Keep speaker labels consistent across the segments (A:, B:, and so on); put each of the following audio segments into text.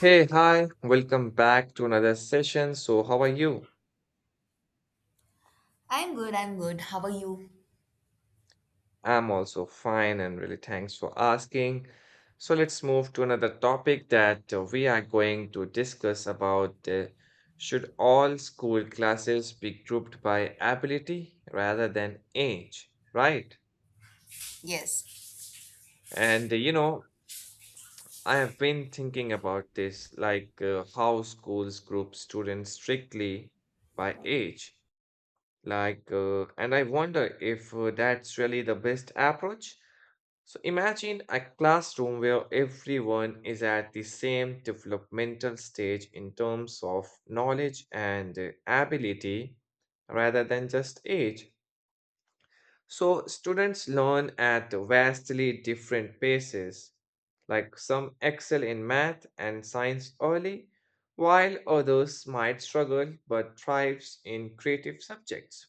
A: Hey, hi, welcome back to another session. So, how are you?
B: I'm good, I'm good. How are you?
A: I'm also fine and really thanks for asking. So, let's move to another topic that we are going to discuss about should all school classes be grouped by ability rather than age, right?
B: Yes,
A: And I have been thinking about this like how schools group students strictly by age. Like, and I wonder if that's really the best approach. So imagine a classroom where everyone is at the same developmental stage in terms of knowledge and ability rather than just age. So students learn at vastly different paces. Like some excel in math and science early, while others might struggle but thrives in creative subjects.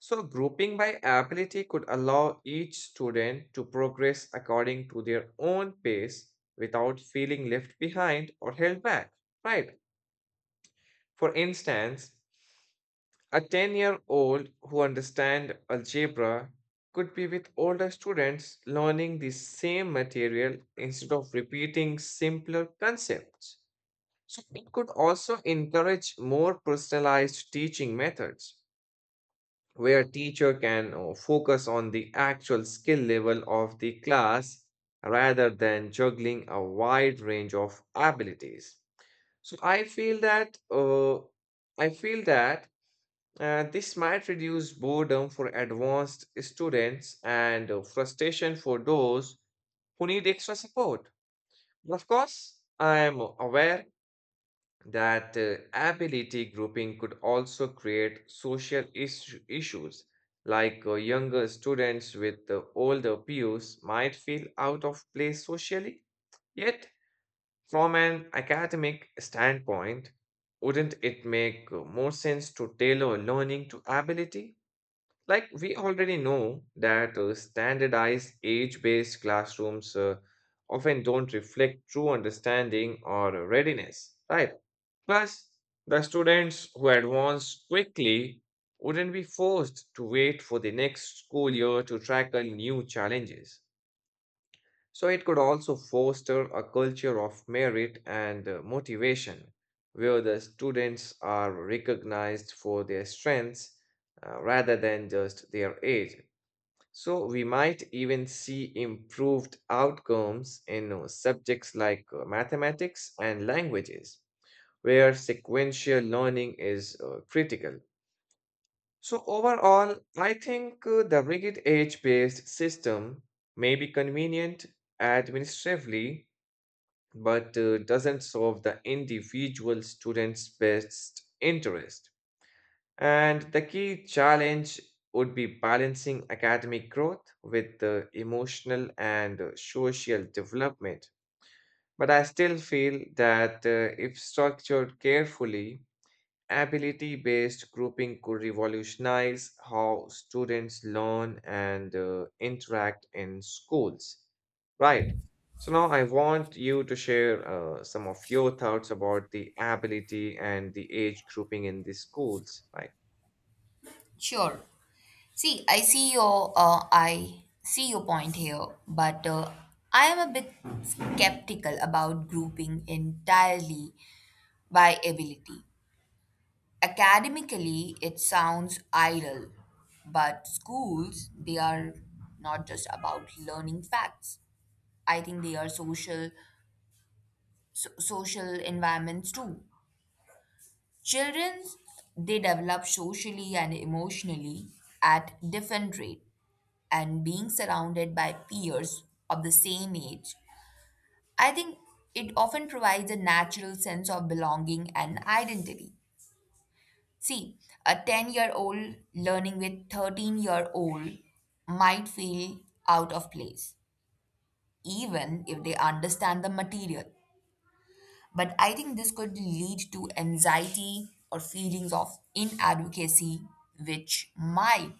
A: So, grouping by ability could allow each student to progress according to their own pace without feeling left behind or held back, right? For instance, a 10-year-old who understands algebra could be with older students learning the same material instead of repeating simpler concepts. So, it could also encourage more personalized teaching methods where teacher can focus on the actual skill level of the class rather than juggling a wide range of abilities. So I feel that i feel that this might reduce boredom for advanced students and frustration for those who need extra support. But of course I am aware that ability grouping could also create social issues, like younger students with the older peers might feel out of place socially. Yet, from an academic standpoint, wouldn't it make more sense to tailor learning to ability? Like, we already know that standardized age based classrooms often don't reflect true understanding or readiness, right? Plus, the students who advance quickly wouldn't be forced to wait for the next school year to tackle new challenges. So, it could also foster a culture of merit and motivation where the students are recognized for their strengths, rather than just their age. So, we might even see improved outcomes in subjects like mathematics and languages where sequential learning is critical. So, overall, I think the rigid age based system may be convenient administratively, but doesn't solve the individual student's best interest. And the key challenge would be balancing academic growth with the emotional and social development. But I still feel that if structured carefully, ability based grouping could revolutionize how students learn and interact in schools. Right. So now I want you to share some of your thoughts about the ability and the age grouping in the schools. Right.
B: sure. See, I see your point here, but I am a bit skeptical about grouping entirely by ability. Academically, it sounds idle, but schools, they are not just about learning facts. I think they are social environments too. Children, they develop socially and emotionally at different rate, and being surrounded by peers of the same age, I think it often provides a natural sense of belonging and identity. See, a 10-year-old learning with 13-year-old might feel out of place, even if they understand the material. But I think this could lead to anxiety or feelings of inadvocacy, which might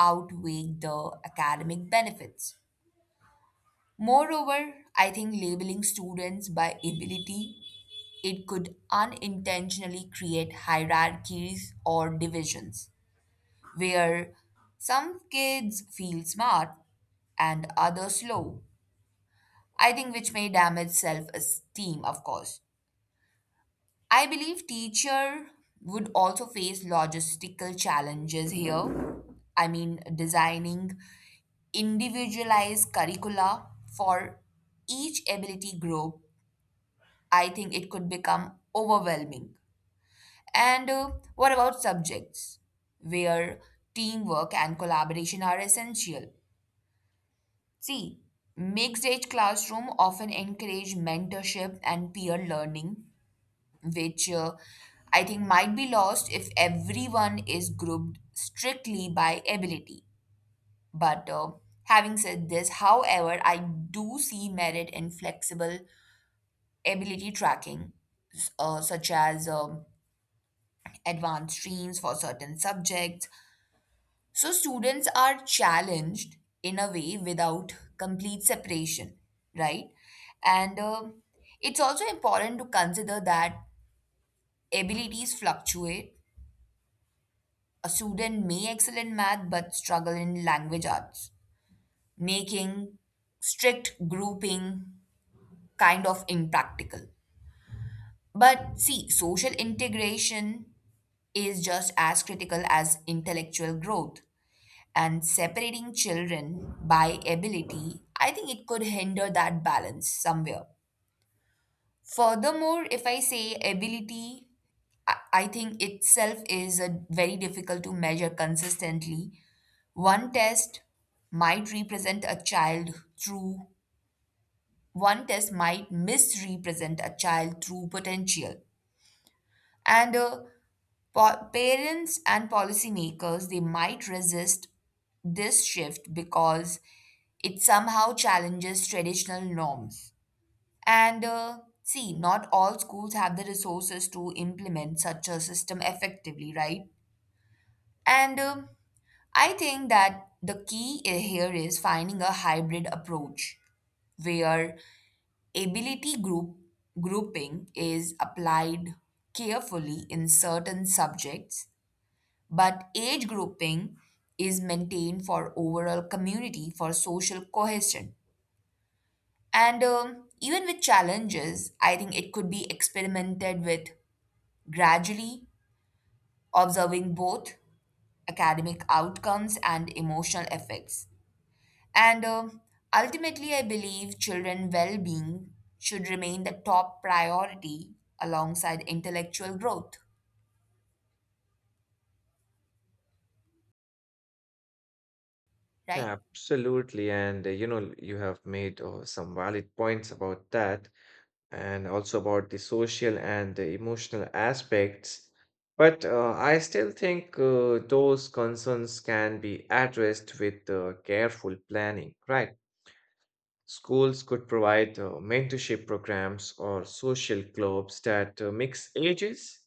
B: outweigh the academic benefits. Moreover, I think labeling students by ability, it could unintentionally create hierarchies or divisions where some kids feel smart and others slow. I think which may damage self-esteem, of course. I believe teacher would also face logistical challenges here. I mean, designing individualized curricula for each ability group, I think it could become overwhelming. And What about subjects where teamwork and collaboration are essential? See, mixed age classroom often encourage mentorship and peer learning, which I think might be lost if everyone is grouped strictly by ability. But Having said this, however, I do see merit in flexible ability tracking, such as advanced streams for certain subjects. So students are challenged in a way without complete separation, right? And it's also important to consider that abilities fluctuate. A student may excel in math but struggle in language arts, making strict grouping kind of impractical. But see, social integration is just as critical as intellectual growth. And separating children by ability, I think it could hinder that balance somewhere. Furthermore, if I say ability, I think itself is a very difficult to measure consistently. One test might represent a child through one test might misrepresent a child through potential. And uh, Parents and policymakers they might resist this shift because it somehow challenges traditional norms. And See, not all schools have the resources to implement such a system effectively, right? And I think that here is finding a hybrid approach where ability grouping is applied carefully in certain subjects, but age grouping is maintained for overall community for social cohesion. And even with challenges, I think it could be experimented with gradually, observing both academic outcomes and emotional effects. And ultimately, I believe children' well being should remain the top priority alongside intellectual growth, right?
A: Absolutely. And you have made some valid points about that, and also about the social and the emotional aspects. But I still think those concerns can be addressed with careful planning, right? Schools could provide mentorship programs or social clubs that mix ages,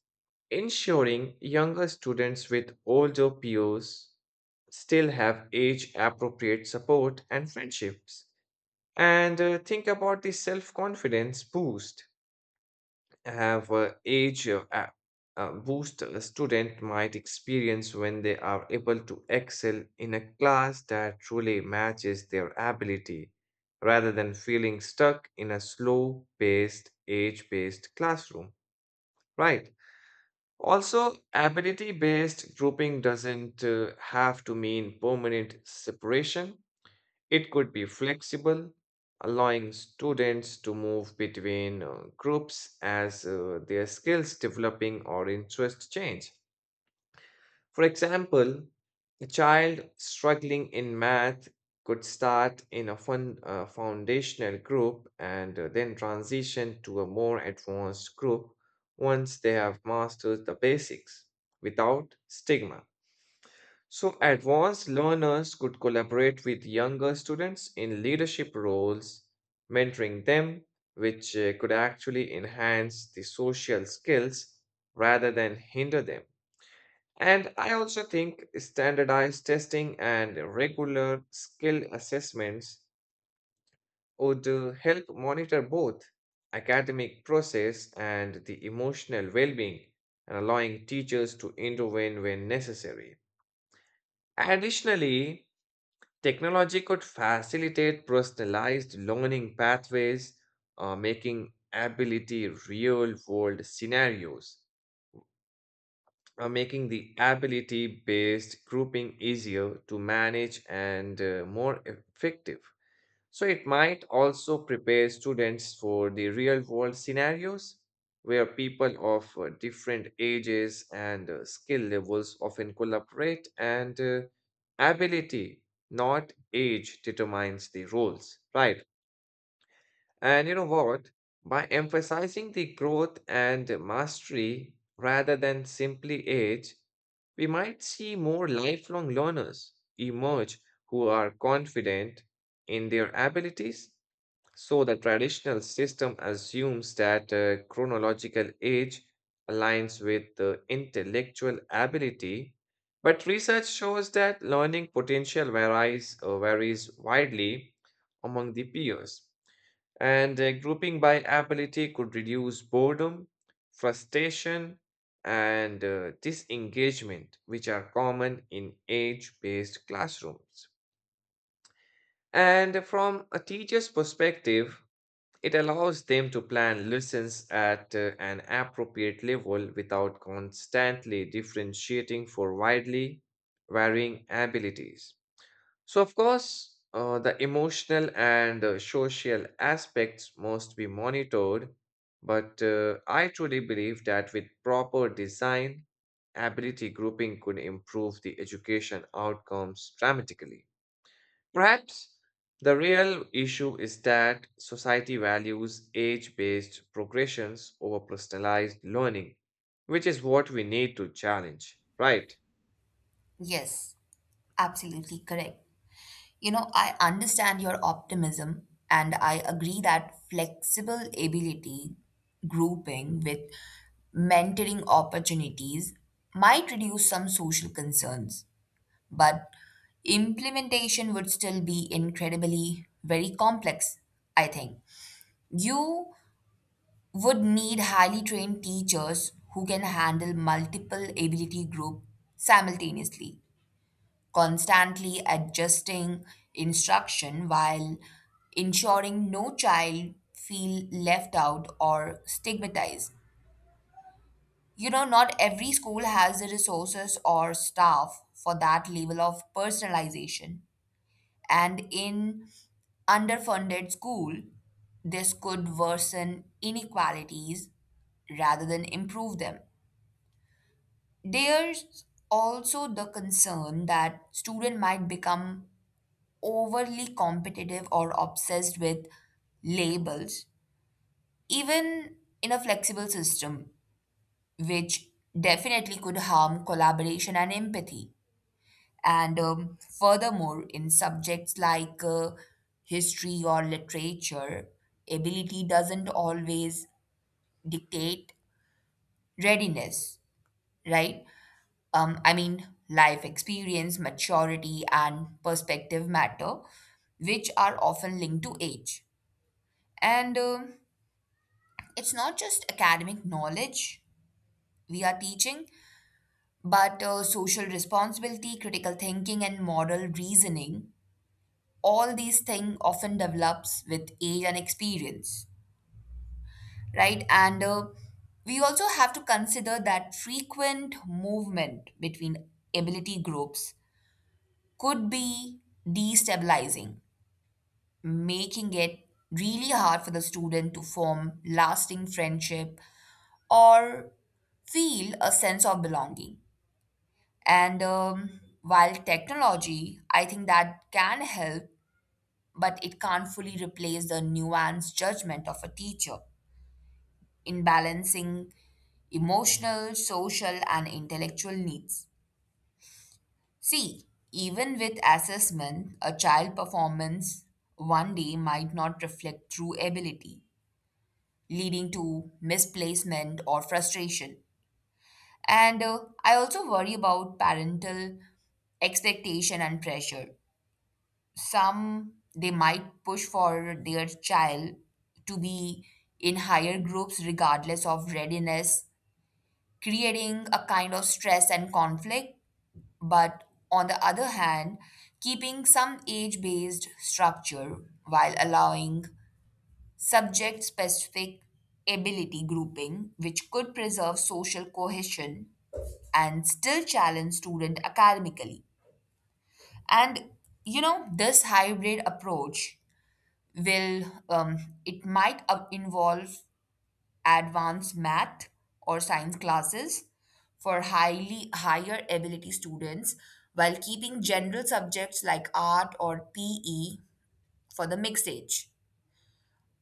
A: ensuring younger students with older peers still have age appropriate support and friendships. And think about the self confidence boost have age boost a student might experience when they are able to excel in a class that truly matches their ability rather than feeling stuck in a slow paced, age based classroom. Right. Also, ability based grouping doesn't have to mean permanent separation. It could be flexible, allowing students to move between groups as their skills developing or interest change. For example, a child struggling in math could start in a fun, foundational group and then transition to a more advanced group once they have mastered the basics without stigma. So, advanced learners could collaborate with younger students in leadership roles, mentoring them, which could actually enhance the social skills rather than hinder them. And I also think standardized testing and regular skill assessments would help monitor both academic process and the emotional well-being, and allowing teachers to intervene when necessary. Additionally, technology could facilitate personalized learning pathways, making ability real world scenarios, making the ability based grouping easier to manage and more effective. So it might also prepare students for the real world scenarios where people of different ages and skill levels often collaborate and ability, not age, determines the roles, right? And you know what? By emphasizing the growth and mastery rather than simply age, we might see more lifelong learners emerge who are confident in their abilities. So the traditional system assumes that chronological age aligns with the intellectual ability, but research shows that learning potential varies widely among the peers. And grouping by ability could reduce boredom, frustration, and disengagement, which are common in age based classrooms. And from a teacher's perspective, it allows them to plan lessons at an appropriate level without constantly differentiating for widely varying abilities. So, of course, the emotional and social aspects must be monitored, but I truly believe that with proper design, ability grouping could improve the education outcomes dramatically. Perhaps the real issue is that society values age based progressions over personalized learning, which is what we need to challenge, right?
B: Yes, absolutely correct. You know, I understand your optimism and I agree that flexible ability grouping with mentoring opportunities might reduce some social concerns, but implementation would still be incredibly very complex, I think. You would need highly trained teachers who can handle multiple ability groups simultaneously, constantly adjusting instruction while ensuring no child feel left out or stigmatized. You know, not every school has the resources or staff for that level of personalization. And in underfunded school, this could worsen inequalities rather than improve them. There's also the concern that students might become overly competitive or obsessed with labels, even in a flexible system, which definitely could harm collaboration and empathy. And furthermore, in subjects like history or literature, ability doesn't always dictate readiness, right? I mean, life experience, maturity, and perspective matter, which are often linked to age. And it's not just academic knowledge we are teaching, but social responsibility, critical thinking, and moral reasoning. All these things often develops with age and experience, right? and We also have to consider that frequent movement between ability groups could be destabilizing, making it really hard for the student to form lasting friendship or feel a sense of belonging. And while technology I think that can help, but it can't fully replace the nuanced judgment of a teacher in balancing emotional, social, and intellectual needs. See, even with assessment, a child performance one day might not reflect true ability, leading to misplacement or frustration. And I also worry about parental expectation and pressure. Some they might push for their child to be in higher groups regardless of readiness, creating a kind of stress and conflict. But on the other hand, keeping some age based structure while allowing subject specific ability grouping, which could preserve social cohesion and still challenge student academically. And you know, this hybrid approach will it might involve advanced math or science classes for highly higher ability students while keeping general subjects like art or pe for the mixed age.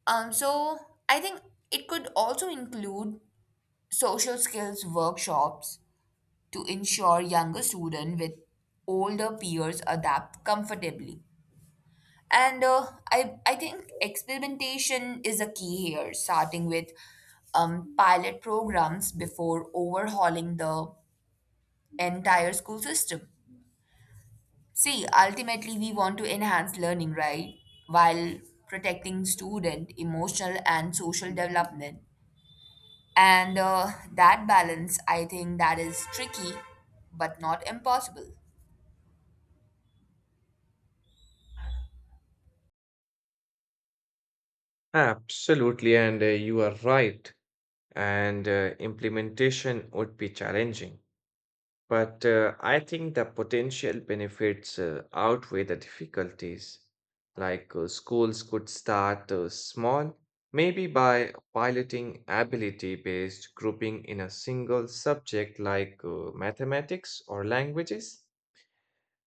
B: Um, so I think it could also include social skills workshops to ensure younger students with older peers adapt comfortably. And I think experimentation is a key here, starting with pilot programs before overhauling the entire school system. See, ultimately, we want to enhance learning, right? While protecting student emotional and social development. And That balance, I think that is tricky, but not impossible.
A: Absolutely, and you are right. And implementation would be challenging. But I think the potential benefits outweigh the difficulties. Like schools could start small, maybe by piloting ability-based grouping in a single subject like mathematics or languages,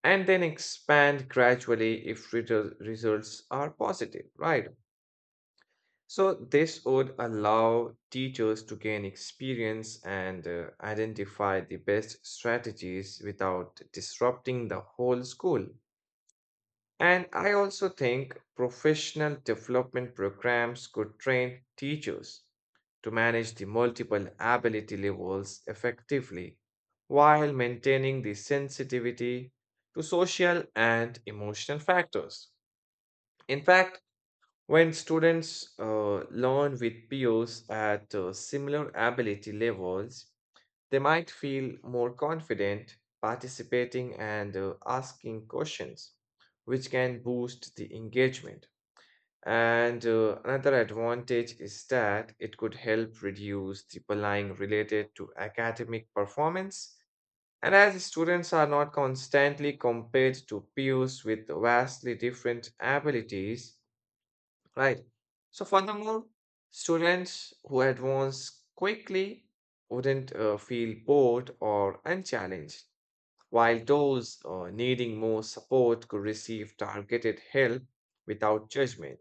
A: and then expand gradually if results are positive, right? So, this would allow teachers to gain experience and identify the best strategies without disrupting the whole school. And I also think professional development programs could train teachers to manage the multiple ability levels effectively while maintaining the sensitivity to social and emotional factors. In fact, when students learn with peers at similar ability levels, they might feel more confident participating and asking questions, which can boost the engagement. And another advantage is that it could help reduce the bullying related to academic performance. And as students are not constantly compared to peers with vastly different abilities. Right. So furthermore, students who advance quickly wouldn't feel bored or unchallenged, while those needing more support could receive targeted help without judgment.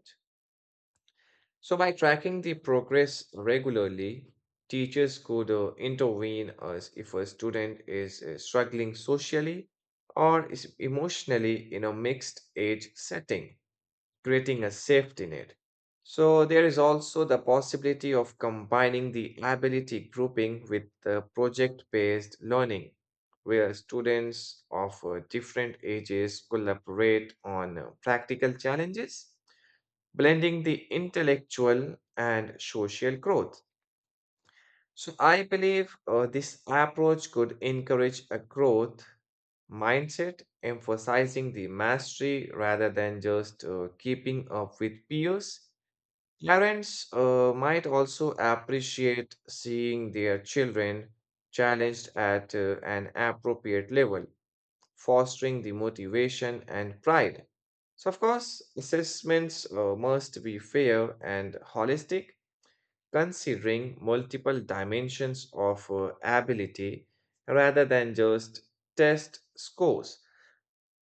A: So by tracking the progress regularly, teachers could intervene as if a student is struggling socially or is emotionally in a mixed age setting, creating a safety net. So there is also the possibility of combining the ability grouping with the project-based learning, where students of different ages collaborate on practical challenges, blending the intellectual and social growth. So I believe this approach could encourage a growth mindset, emphasizing the mastery rather than just keeping up with peers. Parents might also appreciate seeing their children challenged at an appropriate level, fostering the motivation and pride. So, of course, assessments must be fair and holistic, considering multiple dimensions of ability rather than just test scores.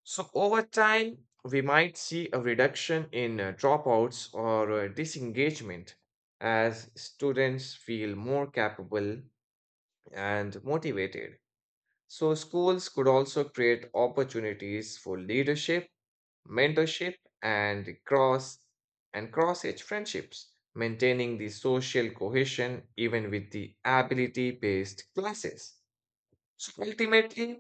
A: So, over time, we might see a reduction in dropouts or disengagement as students feel more capable and motivated. So, schools could also create opportunities for leadership, mentorship, and cross-age friendships, maintaining the social cohesion even with the ability-based classes. So ultimately,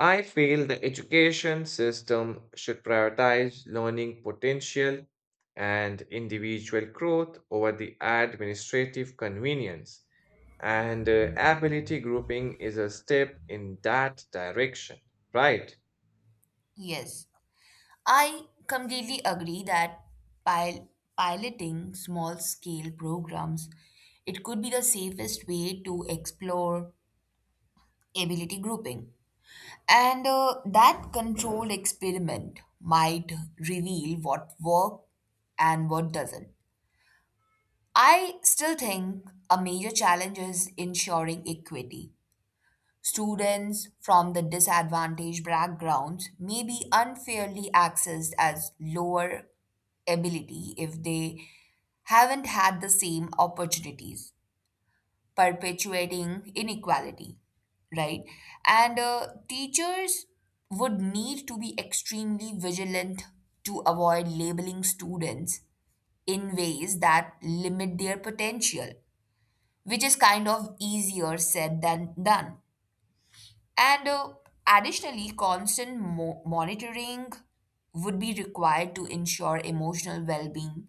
A: I feel the education system should prioritize learning potential and individual growth over the administrative convenience, and ability grouping is a step in that direction, right?
B: Yes. I completely agree that pil- piloting small scale programs, it could be the safest way to explore ability grouping, and that controlled experiment might reveal what worked and what doesn't. I still think a major challenge is ensuring equity. Students from the disadvantaged backgrounds may be unfairly accessed as lower ability if they haven't had the same opportunities, perpetuating inequality, right? And Teachers would need to be extremely vigilant to avoid labeling students in ways that limit their potential, which is kind of easier said than done. And Additionally, monitoring would be required to ensure emotional well being,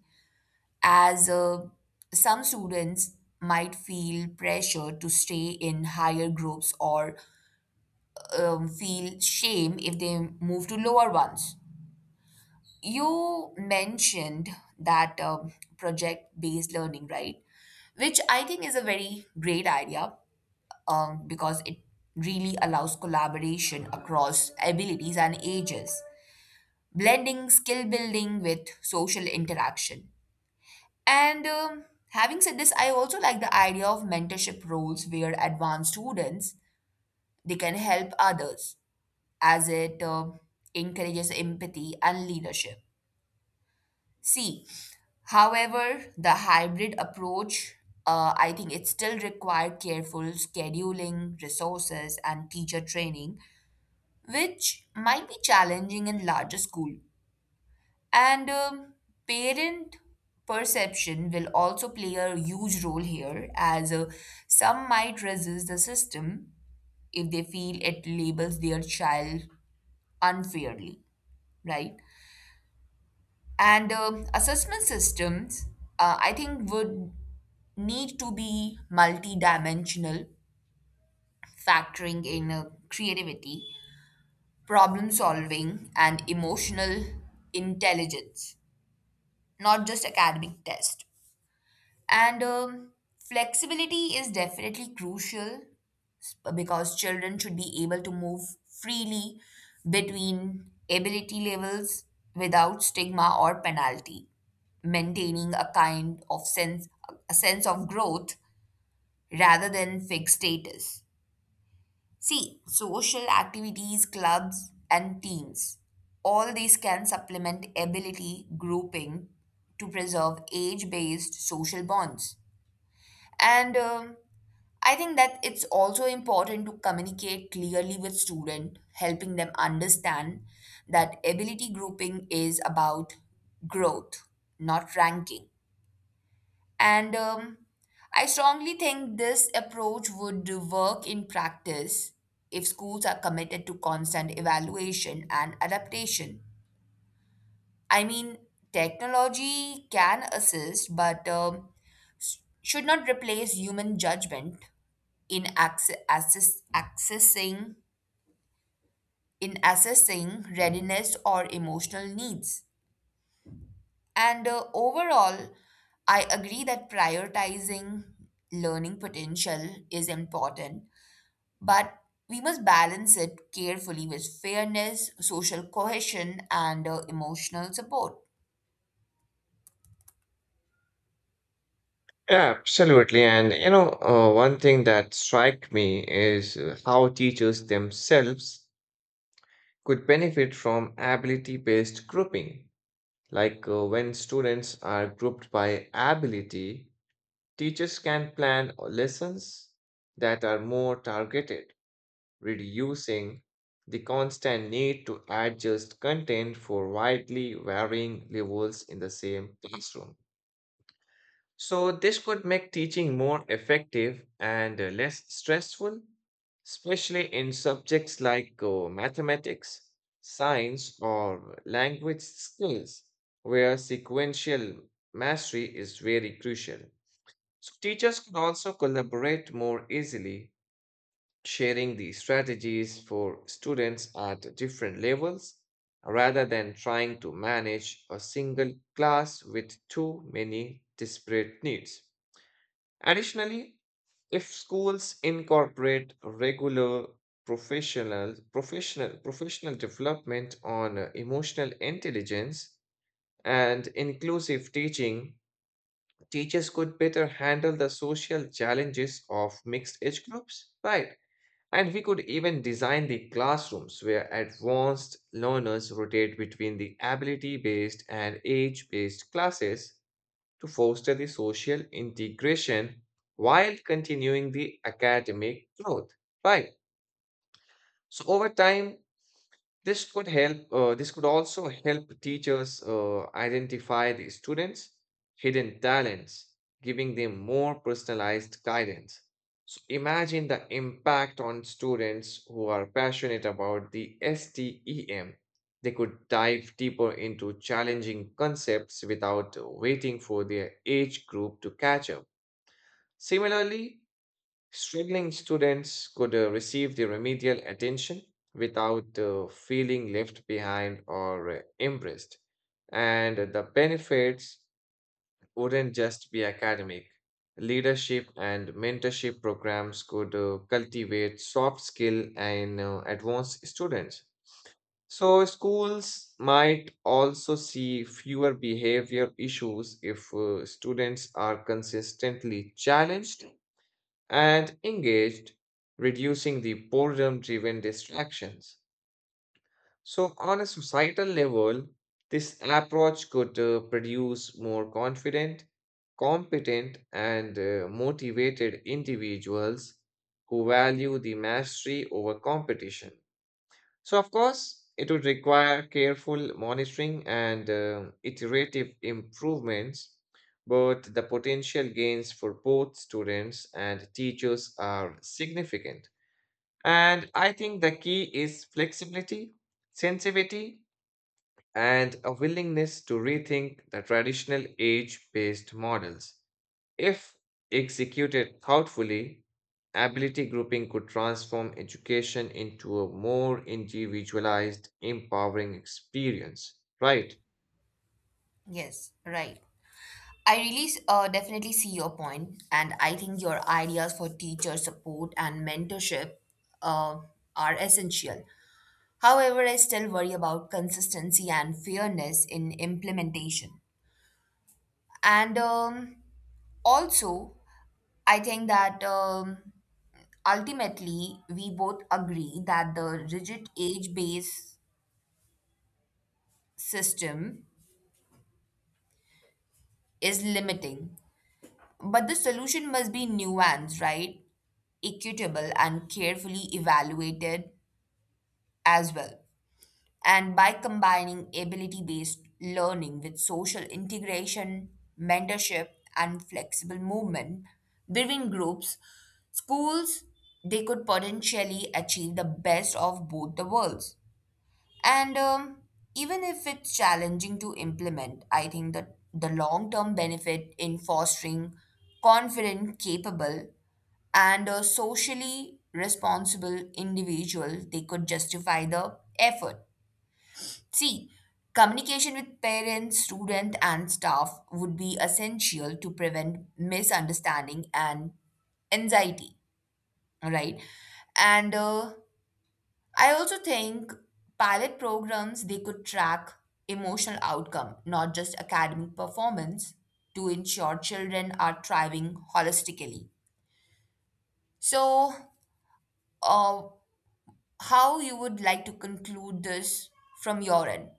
B: as some students might feel pressure to stay in higher groups or feel shame if they move to lower ones. You mentioned that project based learning, right? Which I think is a very great idea, because it really allows collaboration across abilities and ages, blending skill building with social interaction. And having said this, I also like the idea of mentorship roles where advanced students they can help others, as it encourages empathy and leadership. See, however, the hybrid approach, I think it still required careful scheduling, resources, and teacher training, which might be challenging in larger school. And parent perception will also play a huge role here, as some might resist the system if they feel it labels their child unfairly, right? And assessment systems, I think, would need to be multidimensional, factoring in creativity, problem solving and emotional intelligence, not just academic test. And flexibility is definitely crucial, because children should be able to move freely between ability levels without stigma or penalty, maintaining a sense of growth rather than fixed status. See, social activities, clubs, and teams, all these can supplement ability grouping to preserve age based social bonds. And I think that it's also important to communicate clearly with students, helping them understand that ability grouping is about growth, not ranking. And I strongly think this approach would work in practice if schools are committed to constant evaluation and adaptation. I mean, technology can assist, but should not replace human judgment in access, access, accessing in assessing readiness or emotional needs. And Overall, I agree that prioritizing learning potential is important. But we must balance it carefully with fairness, social cohesion, and emotional support.
A: Absolutely. And one thing that strike me is how teachers themselves could benefit from ability-based grouping. Like when students are grouped by ability, teachers can plan lessons that are more targeted, reducing the constant need to adjust content for widely varying levels in the same classroom. So, this could make teaching more effective and less stressful, especially in subjects like mathematics, science, or language skills, where sequential mastery is very crucial. So, teachers can also collaborate more easily, sharing the strategies for students at different levels rather than trying to manage a single class with too many disparate needs. Additionally, if schools incorporate regular professional development on emotional intelligence and inclusive teaching, teachers could better handle the social challenges of mixed age groups, right? And we could even design the classrooms where advanced learners rotate between the ability based and age based classes to foster the social integration while continuing the academic growth. Right. So over time, this could also help teachers identify the students' hidden talents, giving them more personalized guidance. So imagine the impact on students who are passionate about the STEM. They could dive deeper into challenging concepts without waiting for their age group to catch up. Similarly, struggling students could receive the remedial attention without feeling left behind or embarrassed. And the benefits wouldn't just be academic. Leadership and mentorship programs could cultivate soft skill and advanced students. So, schools might also see fewer behavior issues if students are consistently challenged and engaged, reducing the boredom driven distractions. So, on a societal level, this approach could produce more confident, competent, and motivated individuals who value the mastery over competition. So, of course, it would require careful monitoring and iterative improvements, but the potential gains for both students and teachers are significant. And I think the key is flexibility, sensitivity, and a willingness to rethink the traditional age based models. If executed thoughtfully, ability grouping could transform education into a more individualized, empowering experience, right?
B: Yes, right. I really definitely see your point, and I think your ideas for teacher support and mentorship uh, are essential. However, I still worry about consistency and fairness in implementation. And also, I think that. Ultimately, we both agree that the rigid age based system is limiting. But the solution must be nuanced, right? Equitable and carefully evaluated as well. And by combining ability based learning with social integration, mentorship, and flexible movement between groups, schools, they could potentially achieve the best of both the worlds. And even if it's challenging to implement, I think that the long term benefit in fostering confident, capable, and a socially responsible individual, they could justify the effort. See, communication with parents, student, and staff would be essential to prevent misunderstanding and anxiety, right? And I also think pilot programs they could track emotional outcome, not just academic performance, to ensure children are thriving holistically. So, uh, how you would like to conclude this from your end?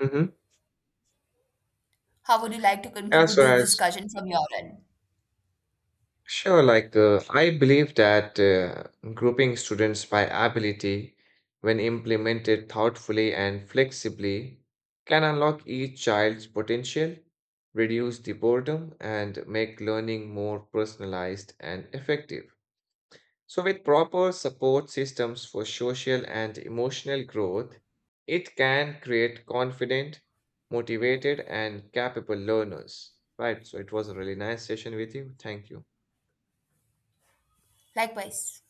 A: Hmm.
B: How would you like to
A: As
B: conclude this
A: well as
B: discussion from your end?
A: sure, like I believe that grouping students by ability, when implemented thoughtfully and flexibly, can unlock each child's potential, reduce the boredom, and make learning more personalized and effective. So, with proper support systems for social and emotional growth, it can create confident, motivated, and capable learners. Right. So, it was a really nice session with you. Thank you.
B: Likewise.